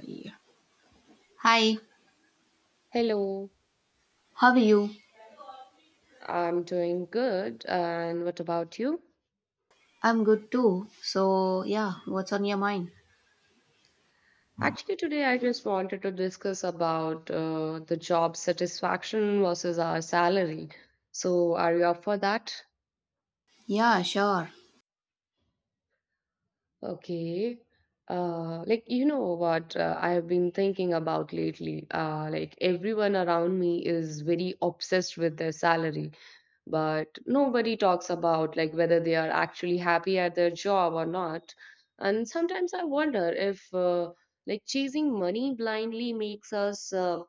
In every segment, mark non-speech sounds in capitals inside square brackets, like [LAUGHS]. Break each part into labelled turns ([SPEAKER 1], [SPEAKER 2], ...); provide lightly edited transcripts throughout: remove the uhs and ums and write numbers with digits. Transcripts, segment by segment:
[SPEAKER 1] Yeah. Hi,
[SPEAKER 2] Hello,
[SPEAKER 1] how are you?
[SPEAKER 2] I'm doing good. And what about you?
[SPEAKER 1] I'm good too. So, yeah, what's on your mind?
[SPEAKER 2] Actually, today I just wanted to discuss about the job satisfaction versus our salary. So, are you up for that?
[SPEAKER 1] Yeah, sure.
[SPEAKER 2] Okay. Like, you know what I have been thinking about lately? Like, everyone around me is very obsessed with their salary. But nobody talks about like whether they are actually happy at their job or not, and sometimes I wonder if like chasing money blindly makes us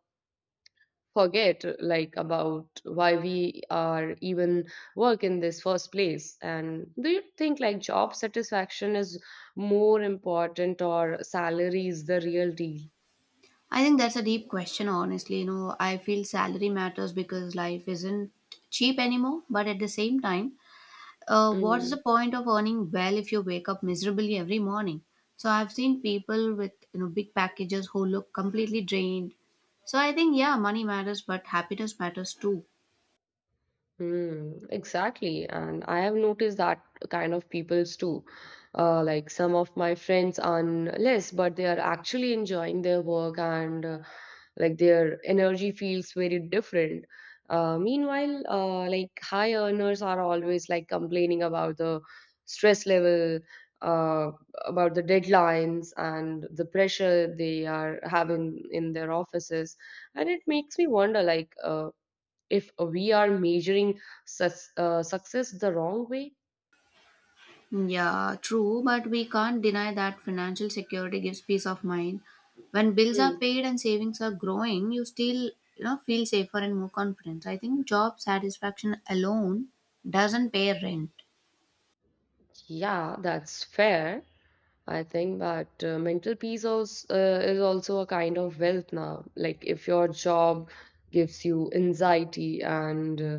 [SPEAKER 2] forget like about why we are even work in this first place. And do you think like job satisfaction is more important or salary is the real deal?
[SPEAKER 1] I think that's a deep question, honestly. You know, I feel salary matters because life isn't cheap anymore, but at the same time, what's
[SPEAKER 2] Mm.
[SPEAKER 1] the point of earning well if you wake up miserably every morning? So, I've seen people with, you know, big packages who look completely drained. So, I think, yeah, money matters, but happiness matters too.
[SPEAKER 2] Mm, exactly. And I have noticed that kind of peoples too. Like some of my friends on less, but they are actually enjoying their work, and like their energy feels very different. Meanwhile, like high earners are always like complaining about the stress level, uh, about the deadlines and the pressure they are having in their offices. And it makes me wonder like, if we are measuring sus success the wrong way.
[SPEAKER 1] Yeah, true, but we can't deny that financial security gives peace of mind. When bills are
[SPEAKER 2] Mm.
[SPEAKER 1] paid and savings are growing, you still you know feel safer and more confident. I think job satisfaction alone doesn't pay rent.
[SPEAKER 2] Yeah, that's fair. I think. But mental peace also, is also a kind of wealth now. Like if your job gives you anxiety and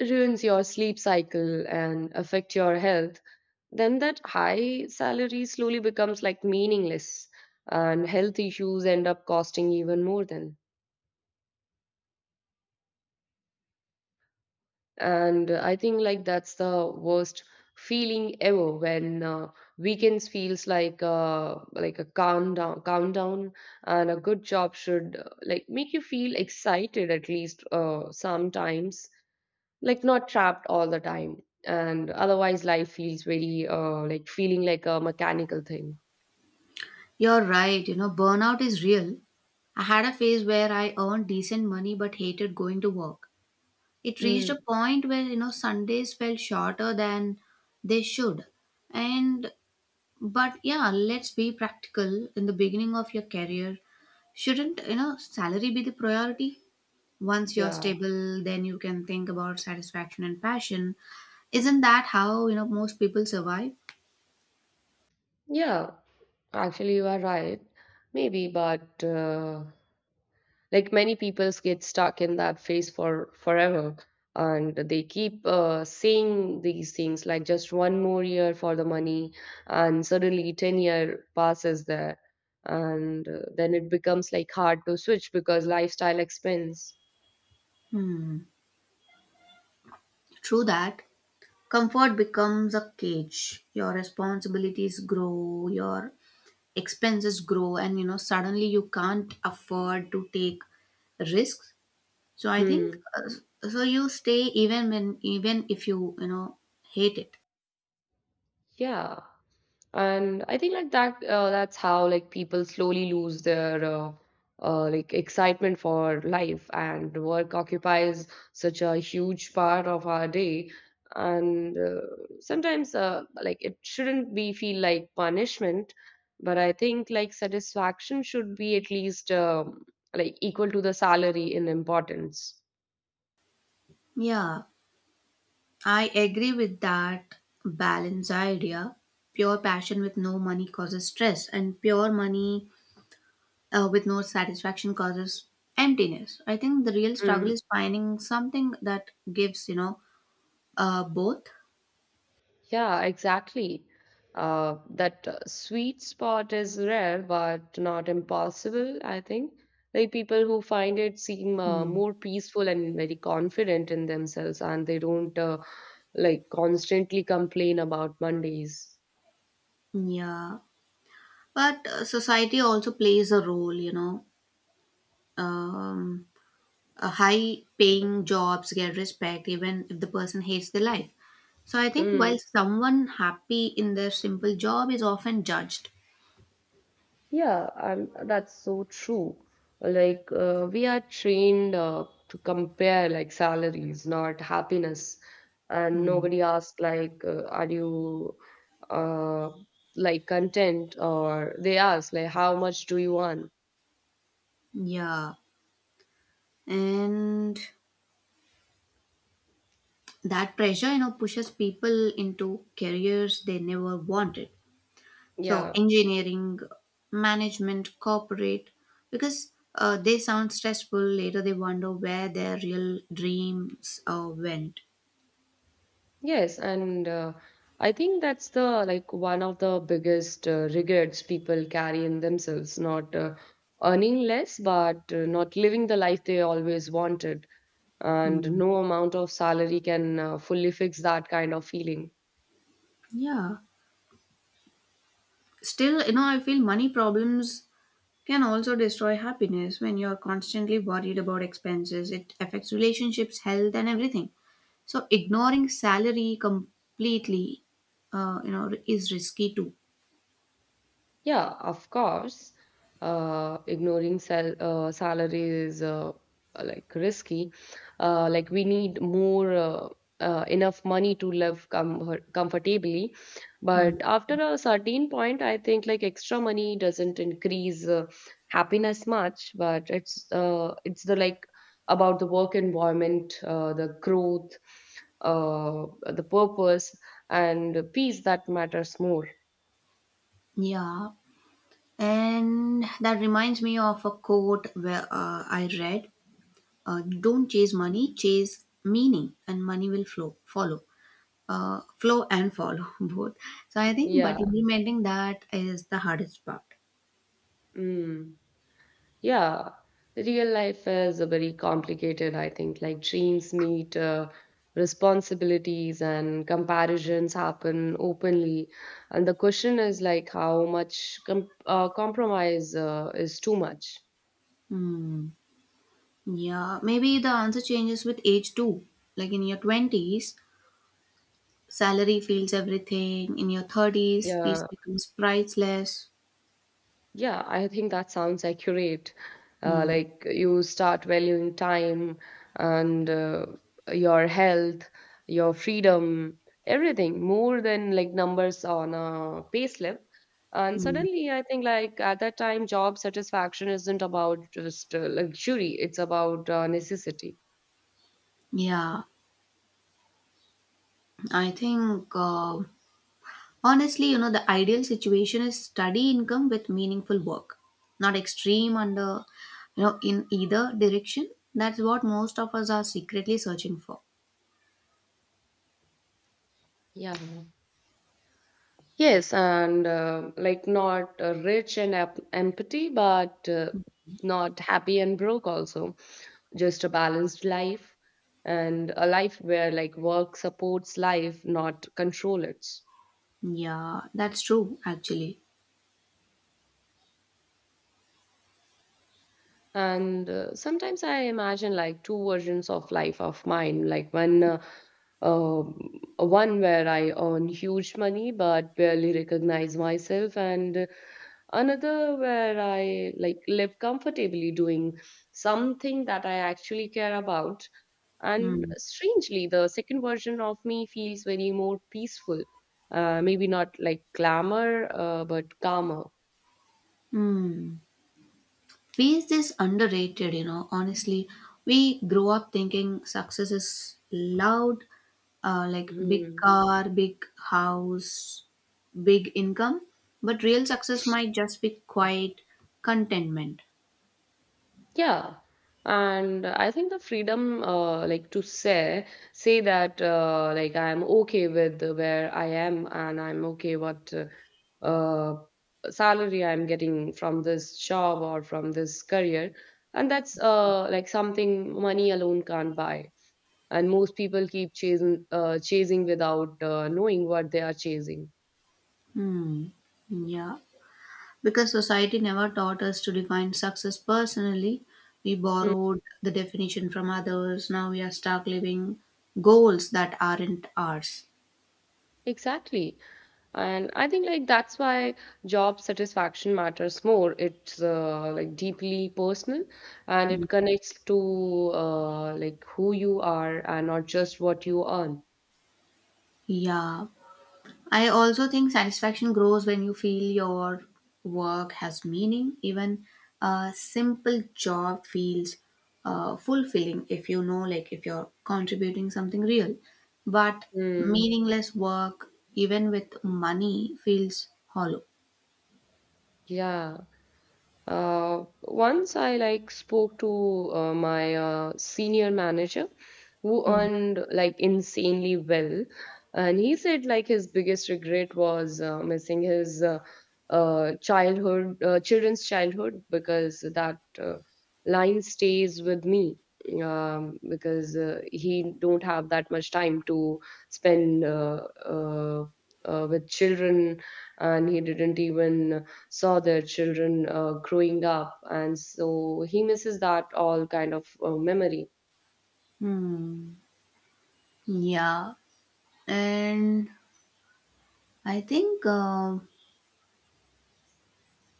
[SPEAKER 2] ruins your sleep cycle and affect your health, then that high salary slowly becomes like meaningless, and health issues end up costing even more than. And I think like that's the worst feeling ever when weekends feels like a countdown, and a good job should like make you feel excited at least sometimes, like not trapped all the time. And otherwise life feels very like feeling like a mechanical thing.
[SPEAKER 1] You're right, you know, burnout is real. I had a phase where I earned decent money but hated going to work. It reached a
[SPEAKER 2] Mm,
[SPEAKER 1] point where, you know, Sundays felt shorter than they should. And but yeah, let's be practical. In the beginning of your career, shouldn't, you know, salary be the priority? Once you're
[SPEAKER 2] yeah.
[SPEAKER 1] stable, then you can think about satisfaction and passion. Isn't that how, you know, most people survive?
[SPEAKER 2] Yeah, actually you are right. Maybe, but like many people get stuck in that phase for forever, and they keep saying these things like just one more year for the money. And suddenly 10-year passes there, and then it becomes like hard to switch because lifestyle expense.
[SPEAKER 1] Hmm, true that. Comfort becomes a cage. Your responsibilities grow, your expenses grow, and, you know, suddenly you can't afford to take risks. So I think,
[SPEAKER 2] Hmm.
[SPEAKER 1] so you stay even when, even if you, you know, hate it.
[SPEAKER 2] Yeah, and I think like that's how like people slowly lose their like excitement for life, and work occupies such a huge part of our day. And sometimes like it shouldn't be feel like punishment. But I think like satisfaction should be at least like equal to the salary in importance.
[SPEAKER 1] Yeah, I agree with that balance idea. Pure passion with no money causes stress, and pure money with no satisfaction causes emptiness. I think the real struggle
[SPEAKER 2] Hmm.
[SPEAKER 1] is finding something that gives, you know, both.
[SPEAKER 2] Yeah, exactly. That sweet spot is rare, but not impossible, I think. Like people who find it seem
[SPEAKER 1] Hmm.
[SPEAKER 2] more peaceful and very confident in themselves, and they don't like constantly complain about Mondays.
[SPEAKER 1] Yeah. But society also plays a role, you know. Um, High paying jobs get respect even if the person hates their life. So I think while
[SPEAKER 2] Mm.
[SPEAKER 1] someone happy in their simple job is often judged.
[SPEAKER 2] Yeah, and that's so true. Like, we are trained to compare like salaries, not happiness. And
[SPEAKER 1] Hmm.
[SPEAKER 2] nobody asks like, are you uh, like content? Or they ask like, how much do you want?
[SPEAKER 1] Yeah, and that pressure, you know, pushes people into careers they never wanted. So,
[SPEAKER 2] Yeah.
[SPEAKER 1] engineering, management, corporate, because they sound stressful. Later, they wonder where their real dreams went.
[SPEAKER 2] Yes, and I think that's the like one of the biggest regrets people carry in themselves, not earning less, but not living the life they always wanted. And
[SPEAKER 1] Hmm.
[SPEAKER 2] no amount of salary can fully fix that kind of feeling.
[SPEAKER 1] Yeah. Still, you know, I feel money problems can also destroy happiness when you're constantly worried about expenses. It affects relationships, health, and everything. So ignoring salary completely, you know, is risky too.
[SPEAKER 2] Yeah, of course. Ignoring salary is like risky. Like we need more enough money to live comfortably.
[SPEAKER 1] Mm.
[SPEAKER 2] But after a certain point, I think like extra money doesn't increase happiness much. But it's the like about the work environment, the growth, uh, the purpose, and peace that matters more.
[SPEAKER 1] Yeah, and that reminds me of a quote where I read, uh, "Don't chase money, chase meaning, and money will flow, follow, flow and follow [LAUGHS] both." So I think,
[SPEAKER 2] Yeah.
[SPEAKER 1] but implementing that is the hardest part.
[SPEAKER 2] Mm. Yeah, real life is a very complicated, I think. Like dreams meet responsibilities, and comparisons happen openly. And the question is like how much compromise is too much.
[SPEAKER 1] Hmm. Yeah, maybe the answer changes with age too. Like in your 20s, salary feels everything. In your 30s, peace
[SPEAKER 2] Yeah.
[SPEAKER 1] becomes priceless.
[SPEAKER 2] Yeah, I think that sounds accurate.
[SPEAKER 1] Hmm.
[SPEAKER 2] Like you start valuing time and your health, your freedom, everything more than like numbers on a payslip. And
[SPEAKER 1] Hmm.
[SPEAKER 2] suddenly, I think like at that time, job satisfaction isn't about just luxury; it's about necessity.
[SPEAKER 1] Yeah, I think honestly, you know, the ideal situation is steady income with meaningful work, not extreme under, you know, in either direction. That's what most of us are secretly searching for.
[SPEAKER 2] Yeah. Yes, and like not rich and empty, but not happy and broke also. Just a balanced life, and a life where like work supports life, not control it.
[SPEAKER 1] Yeah, that's true, actually.
[SPEAKER 2] And sometimes I imagine like two versions of life of mine, like um, one where I earn huge money but barely recognize myself, and another where I like live comfortably doing something that I actually care about. And
[SPEAKER 1] Hmm.
[SPEAKER 2] strangely, the second version of me feels very more peaceful. Maybe not like glamour, but calmer.
[SPEAKER 1] Hmm. Peace is underrated, you know, honestly. We grow up thinking success is loud, like big
[SPEAKER 2] Hmm.
[SPEAKER 1] car, big house, big income, but real success might just be quiet contentment.
[SPEAKER 2] Yeah, and I think the freedom, like to say that, like I'm okay with where I am, and I'm okay what uh, salary I'm getting from this job or from this career. And that's like something money alone can't buy. And most people keep chasing without knowing what they are chasing.
[SPEAKER 1] Hmm. Yeah. Because society never taught us to define success personally, we
[SPEAKER 2] Hmm.
[SPEAKER 1] borrowed the definition from others. Now we are stuck living goals that aren't ours.
[SPEAKER 2] Exactly. And I think like that's why job satisfaction matters more. It's like deeply personal, and it connects to like who you are and not just what you earn.
[SPEAKER 1] Yeah. I also think satisfaction grows when you feel your work has meaning. Even a simple job feels fulfilling if you know, like, if you're contributing something real. But
[SPEAKER 2] Mm.
[SPEAKER 1] meaningless work, even with money, feels hollow.
[SPEAKER 2] Yeah. Once I like spoke to my senior manager who
[SPEAKER 1] Hmm.
[SPEAKER 2] earned like insanely well, and he said like his biggest regret was missing his children's childhood, because that line stays with me. Because he don't have that much time to spend with children, and he didn't even saw their children growing up, and so he misses that all kind of memory.
[SPEAKER 1] Hmm. Yeah. And I think.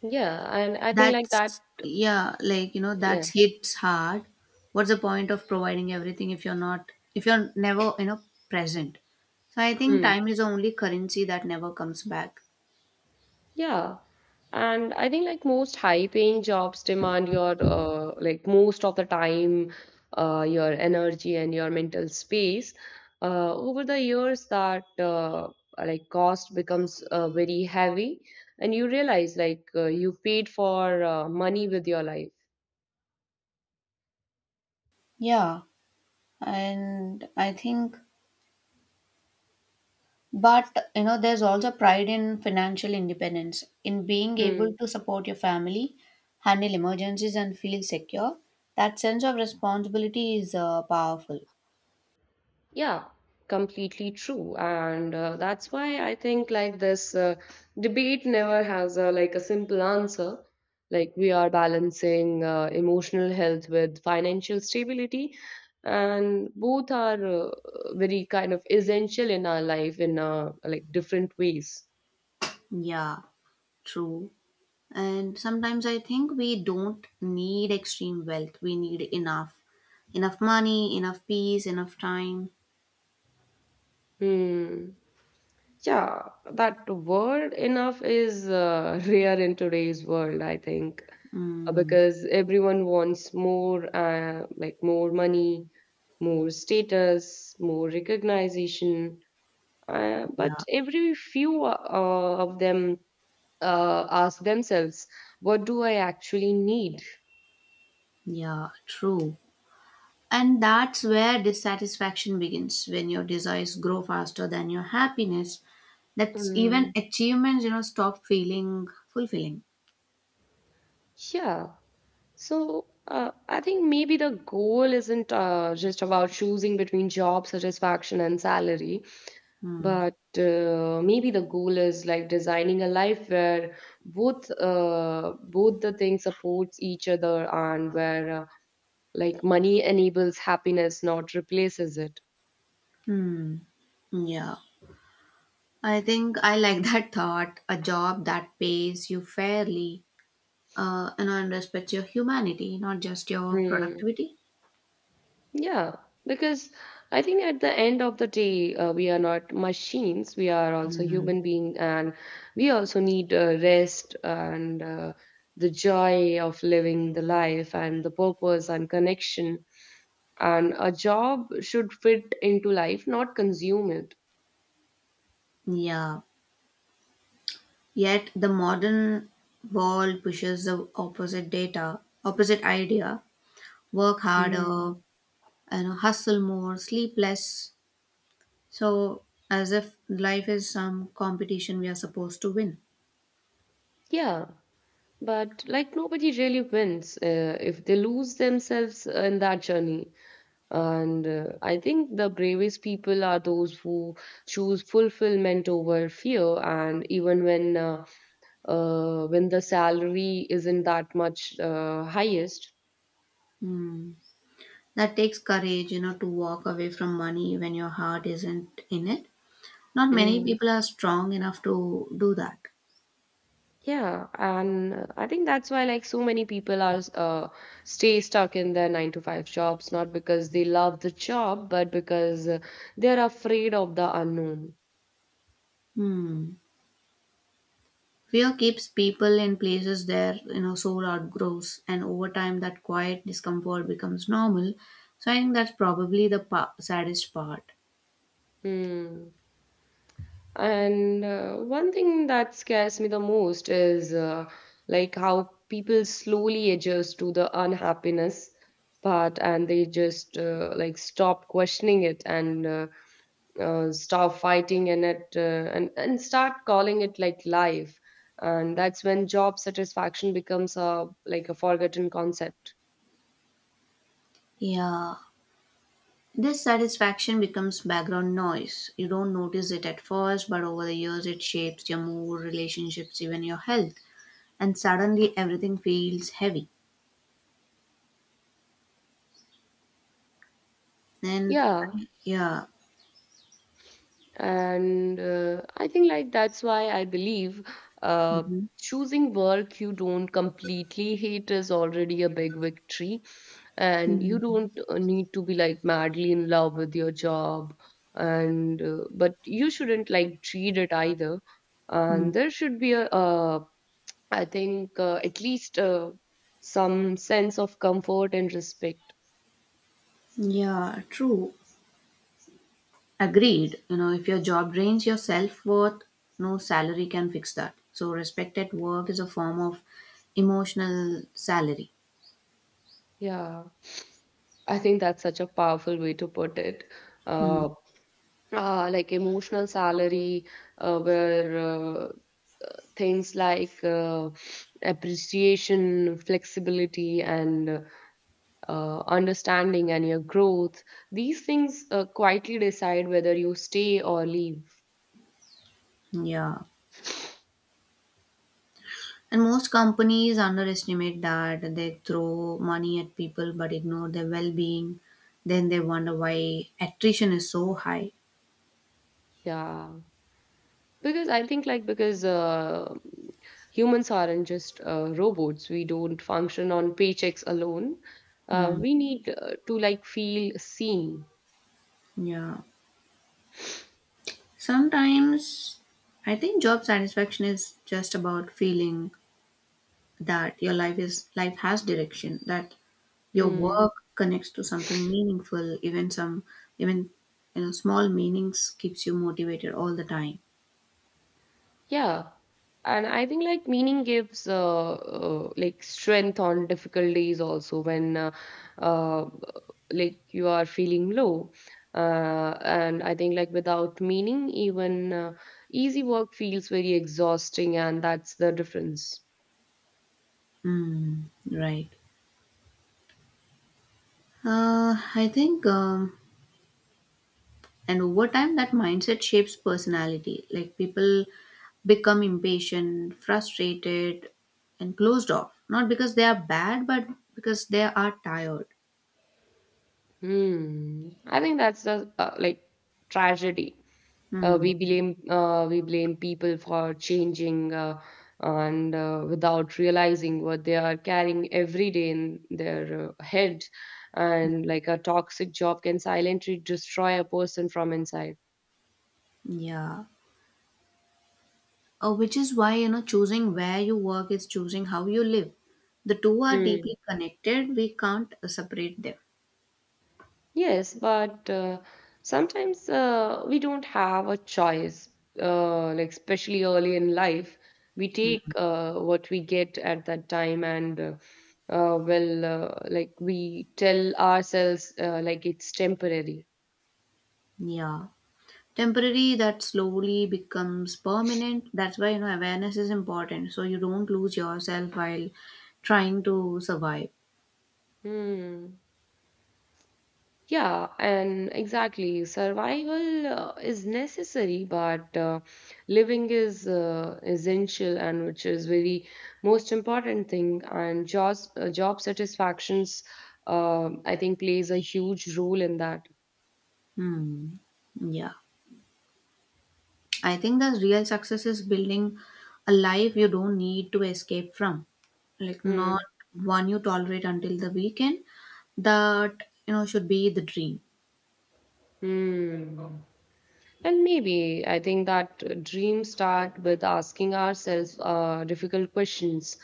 [SPEAKER 2] Yeah, and I think like that.
[SPEAKER 1] That's yeah, like you know, that
[SPEAKER 2] Yeah.
[SPEAKER 1] hits hard. What's the point of providing everything if you're not, if you're never, you know, present? So I think
[SPEAKER 2] Hmm.
[SPEAKER 1] time is the only currency that never comes back.
[SPEAKER 2] Yeah, and I think like most high paying jobs demand your like most of the time, your energy and your mental space over the years. That like cost becomes very heavy, and you realize like you paid for money with your life.
[SPEAKER 1] Yeah, and I think, but you know, there's also pride in financial independence, in being able
[SPEAKER 2] Hmm.
[SPEAKER 1] to support your family, handle emergencies, and feel secure. That sense of responsibility is powerful.
[SPEAKER 2] Yeah, completely true. And that's why I think like this debate never has a like a simple answer. Like we are balancing emotional health with financial stability, and both are very kind of essential in our life in like different ways.
[SPEAKER 1] Yeah, true. And sometimes I think we don't need extreme wealth. We need enough, enough money, enough peace, enough time.
[SPEAKER 2] Hmm. Yeah, that word enough is [LAUGHS] rare in today's world, I think,
[SPEAKER 1] Mm,
[SPEAKER 2] because everyone wants more, like more money, more status, more recognition. But
[SPEAKER 1] yeah.
[SPEAKER 2] every few of them ask themselves, what do I actually need?
[SPEAKER 1] Yeah, true. And that's where dissatisfaction begins, when your desires grow faster than your happiness. That's even
[SPEAKER 2] Mm,
[SPEAKER 1] achievements, you know, stop feeling fulfilling.
[SPEAKER 2] yeah. So I think maybe the goal isn't just about choosing between job satisfaction and salary.
[SPEAKER 1] Hmm.
[SPEAKER 2] But maybe the goal is like designing a life where both the things supports each other, and where like money enables happiness, not replaces it.
[SPEAKER 1] Hmm. Yeah. I think I like [LAUGHS] that thought. A job that pays you fairly you know, and respects your humanity, not just your
[SPEAKER 2] Hmm.
[SPEAKER 1] productivity.
[SPEAKER 2] Yeah, because I think at the end of the day, we are not machines. We are also
[SPEAKER 1] Hmm.
[SPEAKER 2] human beings, and we also need rest and the joy of living the life and the purpose and connection. And a job should fit into life, not consume it.
[SPEAKER 1] Yeah. Yet the modern world pushes the opposite data, opposite idea. Work harder,
[SPEAKER 2] Mm.
[SPEAKER 1] you know, hustle more, sleep less. So as if life is some competition we are supposed to win.
[SPEAKER 2] Yeah, but like nobody really wins if they lose themselves in that journey. And I think the bravest people are those who choose fulfillment over fear. And even when the salary isn't that much highest.
[SPEAKER 1] Hmm. That takes courage, you know, to walk away from money when your heart isn't in it. Not many people are strong enough to do that.
[SPEAKER 2] Yeah, and I think that's why like so many people are stay stuck in their nine to five jobs, not because they love the job, but because they're afraid of the unknown.
[SPEAKER 1] Hmm. Fear keeps people in places their, you know, soul outgrows, and over time that quiet discomfort becomes normal. So I think that's probably the saddest part.
[SPEAKER 2] Hmm. And one thing that scares me the most is like how people slowly adjust to the unhappiness part, and they just like stop questioning it, and stop fighting, and and start calling it like life. And that's when job satisfaction becomes a like a forgotten concept.
[SPEAKER 1] Yeah, this satisfaction becomes background noise. You don't notice it at first, but over the years it shapes your mood, relationships, even your health. And suddenly everything feels heavy. And
[SPEAKER 2] Yeah,
[SPEAKER 1] yeah.
[SPEAKER 2] and I think like that's why I believe uh,
[SPEAKER 1] Mhm.
[SPEAKER 2] choosing work you don't completely hate is already a big victory. And you
[SPEAKER 1] Mhm.
[SPEAKER 2] don't need to be like madly in love with your job. And but you shouldn't like treat it either.
[SPEAKER 1] Mm.
[SPEAKER 2] And there should be a, I think at least some sense of comfort and respect.
[SPEAKER 1] Yeah, true. Agreed. You know, if your job drains your self worth, no salary can fix that. So, respect at work is a form of emotional salary.
[SPEAKER 2] Yeah, I think that's such a powerful way to put it.
[SPEAKER 1] Mm.
[SPEAKER 2] Uh, like emotional salary, where things like appreciation, flexibility, and understanding and your growth, these things quietly decide whether you stay or leave.
[SPEAKER 1] Yeah. And most companies underestimate that. They throw money at people but ignore their well being. Then they wonder why attrition is so high.
[SPEAKER 2] Yeah. Because I think, like, because humans aren't just robots, we don't function on paychecks alone. Uh,
[SPEAKER 1] Mm.
[SPEAKER 2] we need to, like, feel seen.
[SPEAKER 1] Yeah. Sometimes I think job satisfaction is just about feeling that your life is, life has direction, that your
[SPEAKER 2] Mm,
[SPEAKER 1] work connects to something meaningful, even some, even, you know, small meanings keeps you motivated all the time.
[SPEAKER 2] yeah. And I think like meaning gives like strength on difficult days also when uh, like you are feeling low. And I think like without meaning, even easy work feels very exhausting, and that's the difference.
[SPEAKER 1] Mm, right. I think and over time that mindset shapes personality. Like people become impatient, frustrated, and closed off, not because they are bad but because they are tired.
[SPEAKER 2] Hmm. I think that's the like tragedy.
[SPEAKER 1] Hmm.
[SPEAKER 2] We blame we blame people for changing, and without realizing what they are carrying every day in their head, and like a toxic job can silently destroy a person from inside.
[SPEAKER 1] Yeah, which is why, you know, choosing where you work is choosing how you live. The two are
[SPEAKER 2] Hmm.
[SPEAKER 1] deeply connected. We can't separate them.
[SPEAKER 2] Yes, but sometimes we don't have a choice, like especially early in life. We take
[SPEAKER 1] Mm.
[SPEAKER 2] what we get at that time, and like we tell ourselves, like it's temporary.
[SPEAKER 1] Yeah, temporary that slowly becomes permanent. That's why, you know, awareness is important, so you don't lose yourself while trying to survive.
[SPEAKER 2] Hmm. Yeah, and exactly. Survival is necessary, but living is essential, and which is very most important thing. And jobs, job satisfactions, I think, plays a huge role in that.
[SPEAKER 1] Hmm. Yeah, I think the real success is building a life you don't need to escape from, like
[SPEAKER 2] Hmm.
[SPEAKER 1] not one you tolerate until the weekend. That, you know, should be the dream.
[SPEAKER 2] Hmm. And maybe I think that dreams start with asking ourselves difficult questions,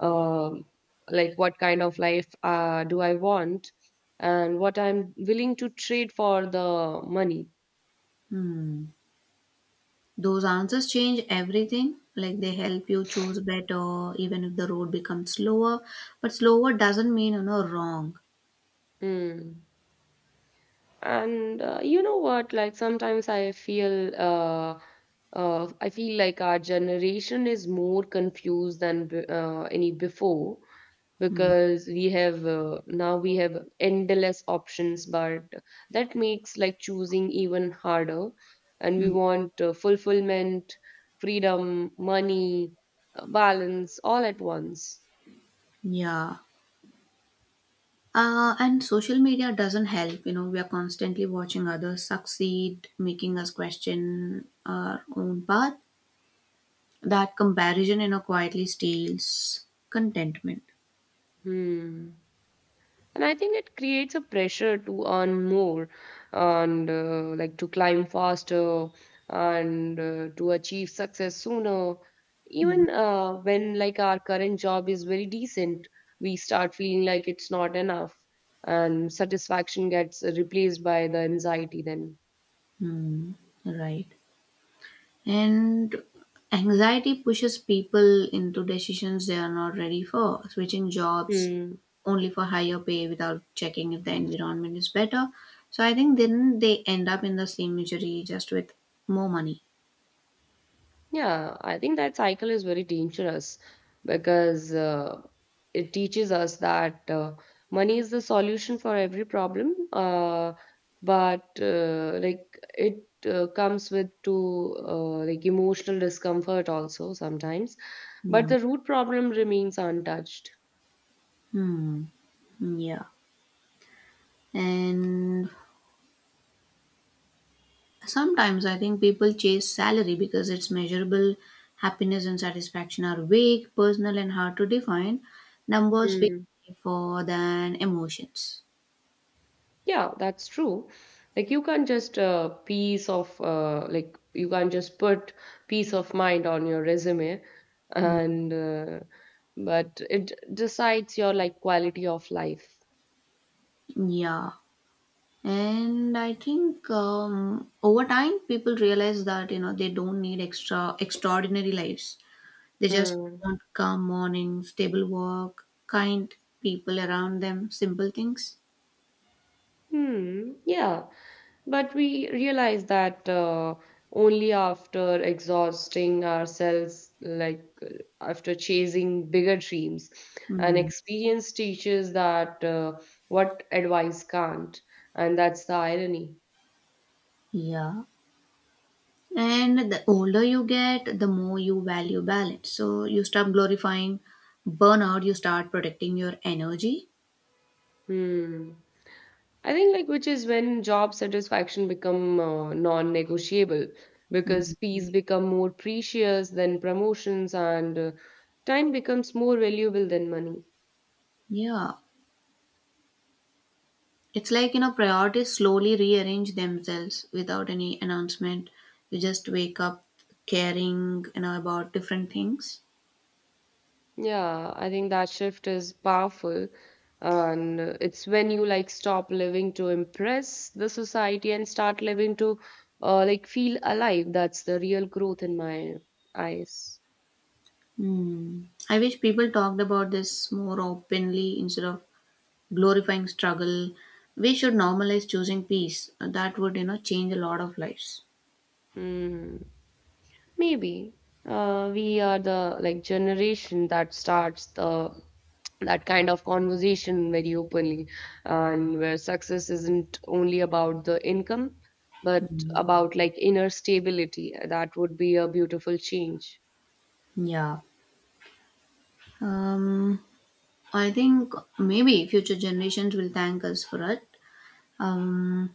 [SPEAKER 2] um, like what kind of life do I want, and what I'm willing to trade for the money.
[SPEAKER 1] Hmm. Those answers change everything. Like they help you choose better, even if the road becomes slower. But slower doesn't mean, you know, wrong.
[SPEAKER 2] Hmm. And you know what? Like sometimes I feel like our generation is more confused than any before
[SPEAKER 1] Hmm.
[SPEAKER 2] because we have now we have endless options, but that makes like choosing even harder. And we
[SPEAKER 1] Hmm.
[SPEAKER 2] want fulfillment, freedom, money, balance all at once.
[SPEAKER 1] Yeah. And social media doesn't help. You know, we are constantly watching others succeed, making us question our own path. That comparison, you know, quietly steals contentment.
[SPEAKER 2] Hmm. And I think it creates a pressure to earn more and like to climb faster and to achieve success sooner, even when like our current job is very decent, we start feeling like it's not enough, and satisfaction gets replaced by the anxiety then.
[SPEAKER 1] Hmm. Right. And anxiety pushes people into decisions they are not ready for, switching jobs
[SPEAKER 2] Hmm.
[SPEAKER 1] only for higher pay without checking if the environment is better. So I think then they end up in the same misery just with more money.
[SPEAKER 2] Yeah, I think that cycle is very dangerous because it teaches us that money is the solution for every problem, but like it comes with to like emotional discomfort also sometimes, but
[SPEAKER 1] Hmm.
[SPEAKER 2] the root problem remains untouched.
[SPEAKER 1] Hmm. Yeah. And sometimes I think people chase salary because it's measurable. Happiness and satisfaction are vague, personal, and hard to define. Numbers feel for than emotions.
[SPEAKER 2] Yeah, that's true. Like you can't just piece of like you can't just put peace of mind on your resume,
[SPEAKER 1] Hmm.
[SPEAKER 2] and but it decides your like quality of life.
[SPEAKER 1] Yeah, and I think over time people realize that, you know, they don't need extraordinary lives. They just
[SPEAKER 2] Hmm.
[SPEAKER 1] want calm mornings, stable work, kind people around them, simple things.
[SPEAKER 2] Hmm, yeah. But we realize that only after exhausting ourselves, after chasing bigger dreams. And
[SPEAKER 1] Mm,
[SPEAKER 2] experience teaches that what advice can't. And that's the irony.
[SPEAKER 1] yeah. And the older you get, the more you value balance. So you stop glorifying burnout, you start protecting your energy.
[SPEAKER 2] Hmm. I think like which is when job satisfaction become non-negotiable, because
[SPEAKER 1] Mm.
[SPEAKER 2] peace become more precious than promotions, and time becomes more valuable than money.
[SPEAKER 1] Yeah. It's like, you know, priorities slowly rearrange themselves without any announcement. You just wake up caring, you know, about different things.
[SPEAKER 2] Yeah, I think that shift is powerful. And it's when you like stop living to impress the society and start living to like feel alive. That's the real growth in my eyes.
[SPEAKER 1] Hmm. I wish people talked about this more openly instead of glorifying struggle. We should normalize choosing peace. That would, you know, change a lot of lives.
[SPEAKER 2] Mm. Maybe we are the like generation that starts the that kind of conversation very openly, and where success isn't only about the income, but about like inner stability. That would be a beautiful change.
[SPEAKER 1] Yeah. Um, I think maybe future generations will thank us for it. Um,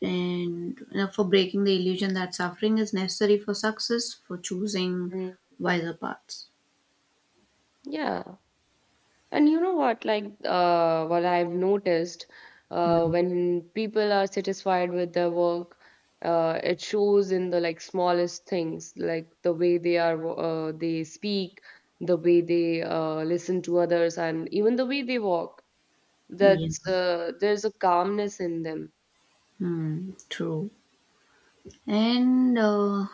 [SPEAKER 1] and For breaking the illusion that suffering is necessary for success, for choosing
[SPEAKER 2] Mm.
[SPEAKER 1] wiser paths.
[SPEAKER 2] Yeah. And you know what, like, what I've noticed,
[SPEAKER 1] Hmm.
[SPEAKER 2] when people are satisfied with their work, it shows in the like smallest things, like the way they speak, the way they listen to others, and even the way they walk.
[SPEAKER 1] Yeah.
[SPEAKER 2] That's There's a calmness in them.
[SPEAKER 1] Hmm. True. And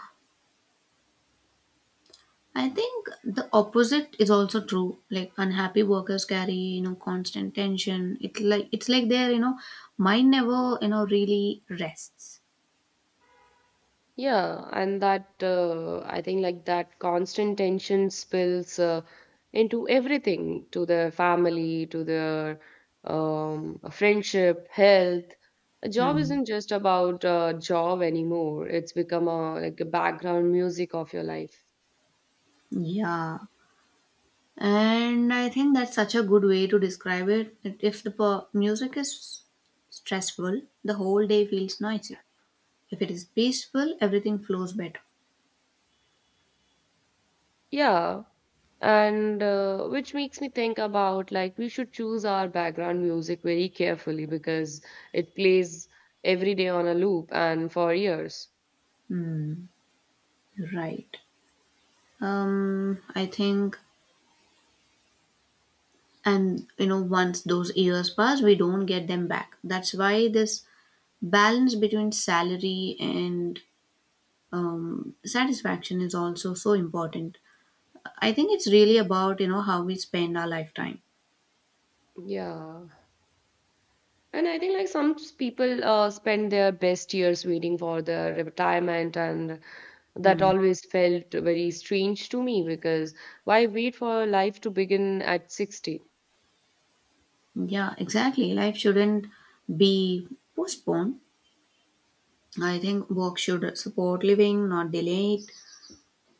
[SPEAKER 1] I think the opposite is also true. Like unhappy workers carry, you know, constant tension. It, like it's like their, you know, mind never, you know, really rests.
[SPEAKER 2] Yeah, and that I think like that constant tension spills into everything, to their family, to their friendship, health. A job
[SPEAKER 1] Hmm.
[SPEAKER 2] isn't just about a job anymore. It's become a like a background music of your life.
[SPEAKER 1] Yeah. And I think that's such a good way to describe it. That if the music is stressful, the whole day feels noisy. If it is peaceful, everything flows better.
[SPEAKER 2] Yeah, and which makes me think about like we should choose our background music very carefully, because it plays every day on a loop and for years.
[SPEAKER 1] Right. I think, and you know, once those years pass, we don't get them back. That's why this balance between salary and satisfaction is also so important. I think it's really about, you know, how we spend our lifetime.
[SPEAKER 2] Yeah. And I think like people spend their best years waiting for their retirement, and that
[SPEAKER 1] Hmm.
[SPEAKER 2] always felt very strange to me, because why wait for life to begin at 60?
[SPEAKER 1] Yeah, exactly. Life shouldn't be postponed. I think work should support living, not delay it.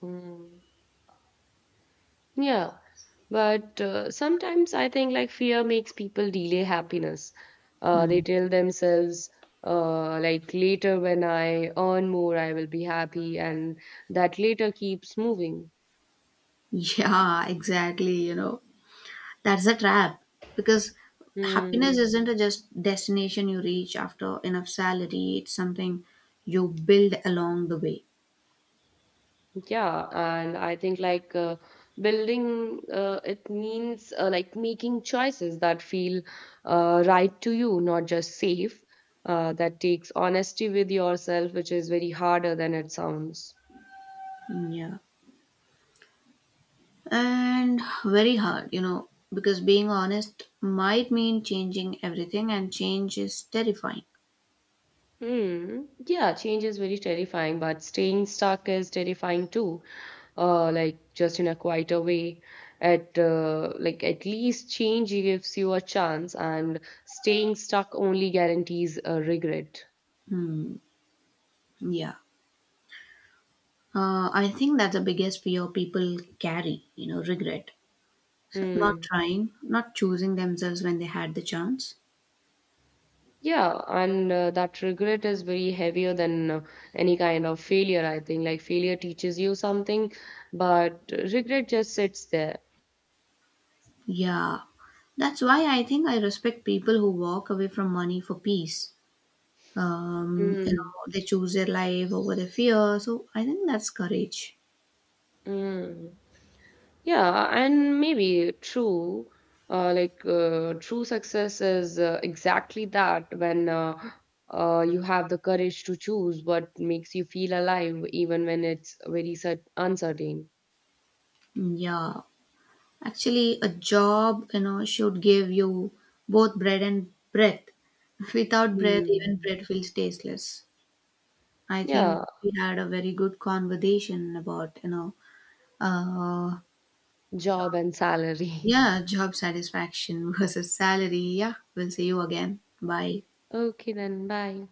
[SPEAKER 2] Mm. Yeah, but sometimes I think like fear makes people delay happiness. They
[SPEAKER 1] Mm.
[SPEAKER 2] tell themselves like later when I earn more, I will be happy, and that later keeps moving.
[SPEAKER 1] [LAUGHS] Yeah, exactly. You know, that's a trap because happiness
[SPEAKER 2] Hmm.
[SPEAKER 1] isn't a just destination you reach after enough salary, it's something you build along the way.
[SPEAKER 2] Yeah, and I think like building it means like making choices that feel right to you, not just safe. That takes honesty with yourself, which is very harder than it sounds.
[SPEAKER 1] Yeah. And very hard, you know, because being honest might mean changing everything, and change is terrifying.
[SPEAKER 2] Hmm. Yeah, change is very terrifying, but staying stuck is terrifying too. Like just in a quieter way. At Like at least change gives you a chance, and staying stuck only guarantees a regret.
[SPEAKER 1] Hmm. Yeah. I think that's the biggest fear people carry, you know, regret. So not
[SPEAKER 2] Hmm.
[SPEAKER 1] trying, not choosing themselves when they had the chance.
[SPEAKER 2] Yeah, and that regret is very heavier than any kind of failure, I think. Like failure teaches you something, but regret just sits there.
[SPEAKER 1] Yeah, that's why I think I respect people who walk away from money for peace. You
[SPEAKER 2] Mm,
[SPEAKER 1] know, they choose their life over their fear. So I think that's courage.
[SPEAKER 2] mm. Yeah, and maybe true, true success is exactly that, when you have the courage to choose what makes you feel alive, even when it's very cer uncertain.
[SPEAKER 1] Yeah, actually, a job, you know, should give you both bread and breath. [LAUGHS] Without breath, even
[SPEAKER 2] Mm.
[SPEAKER 1] bread feels tasteless. I think
[SPEAKER 2] Yeah,
[SPEAKER 1] we had a very good conversation about, you know, uh,
[SPEAKER 2] job and salary. [LAUGHS]
[SPEAKER 1] yeah, job satisfaction [LAUGHS] versus salary. Yeah, we'll see you again. Bye.
[SPEAKER 2] Okay, then, bye.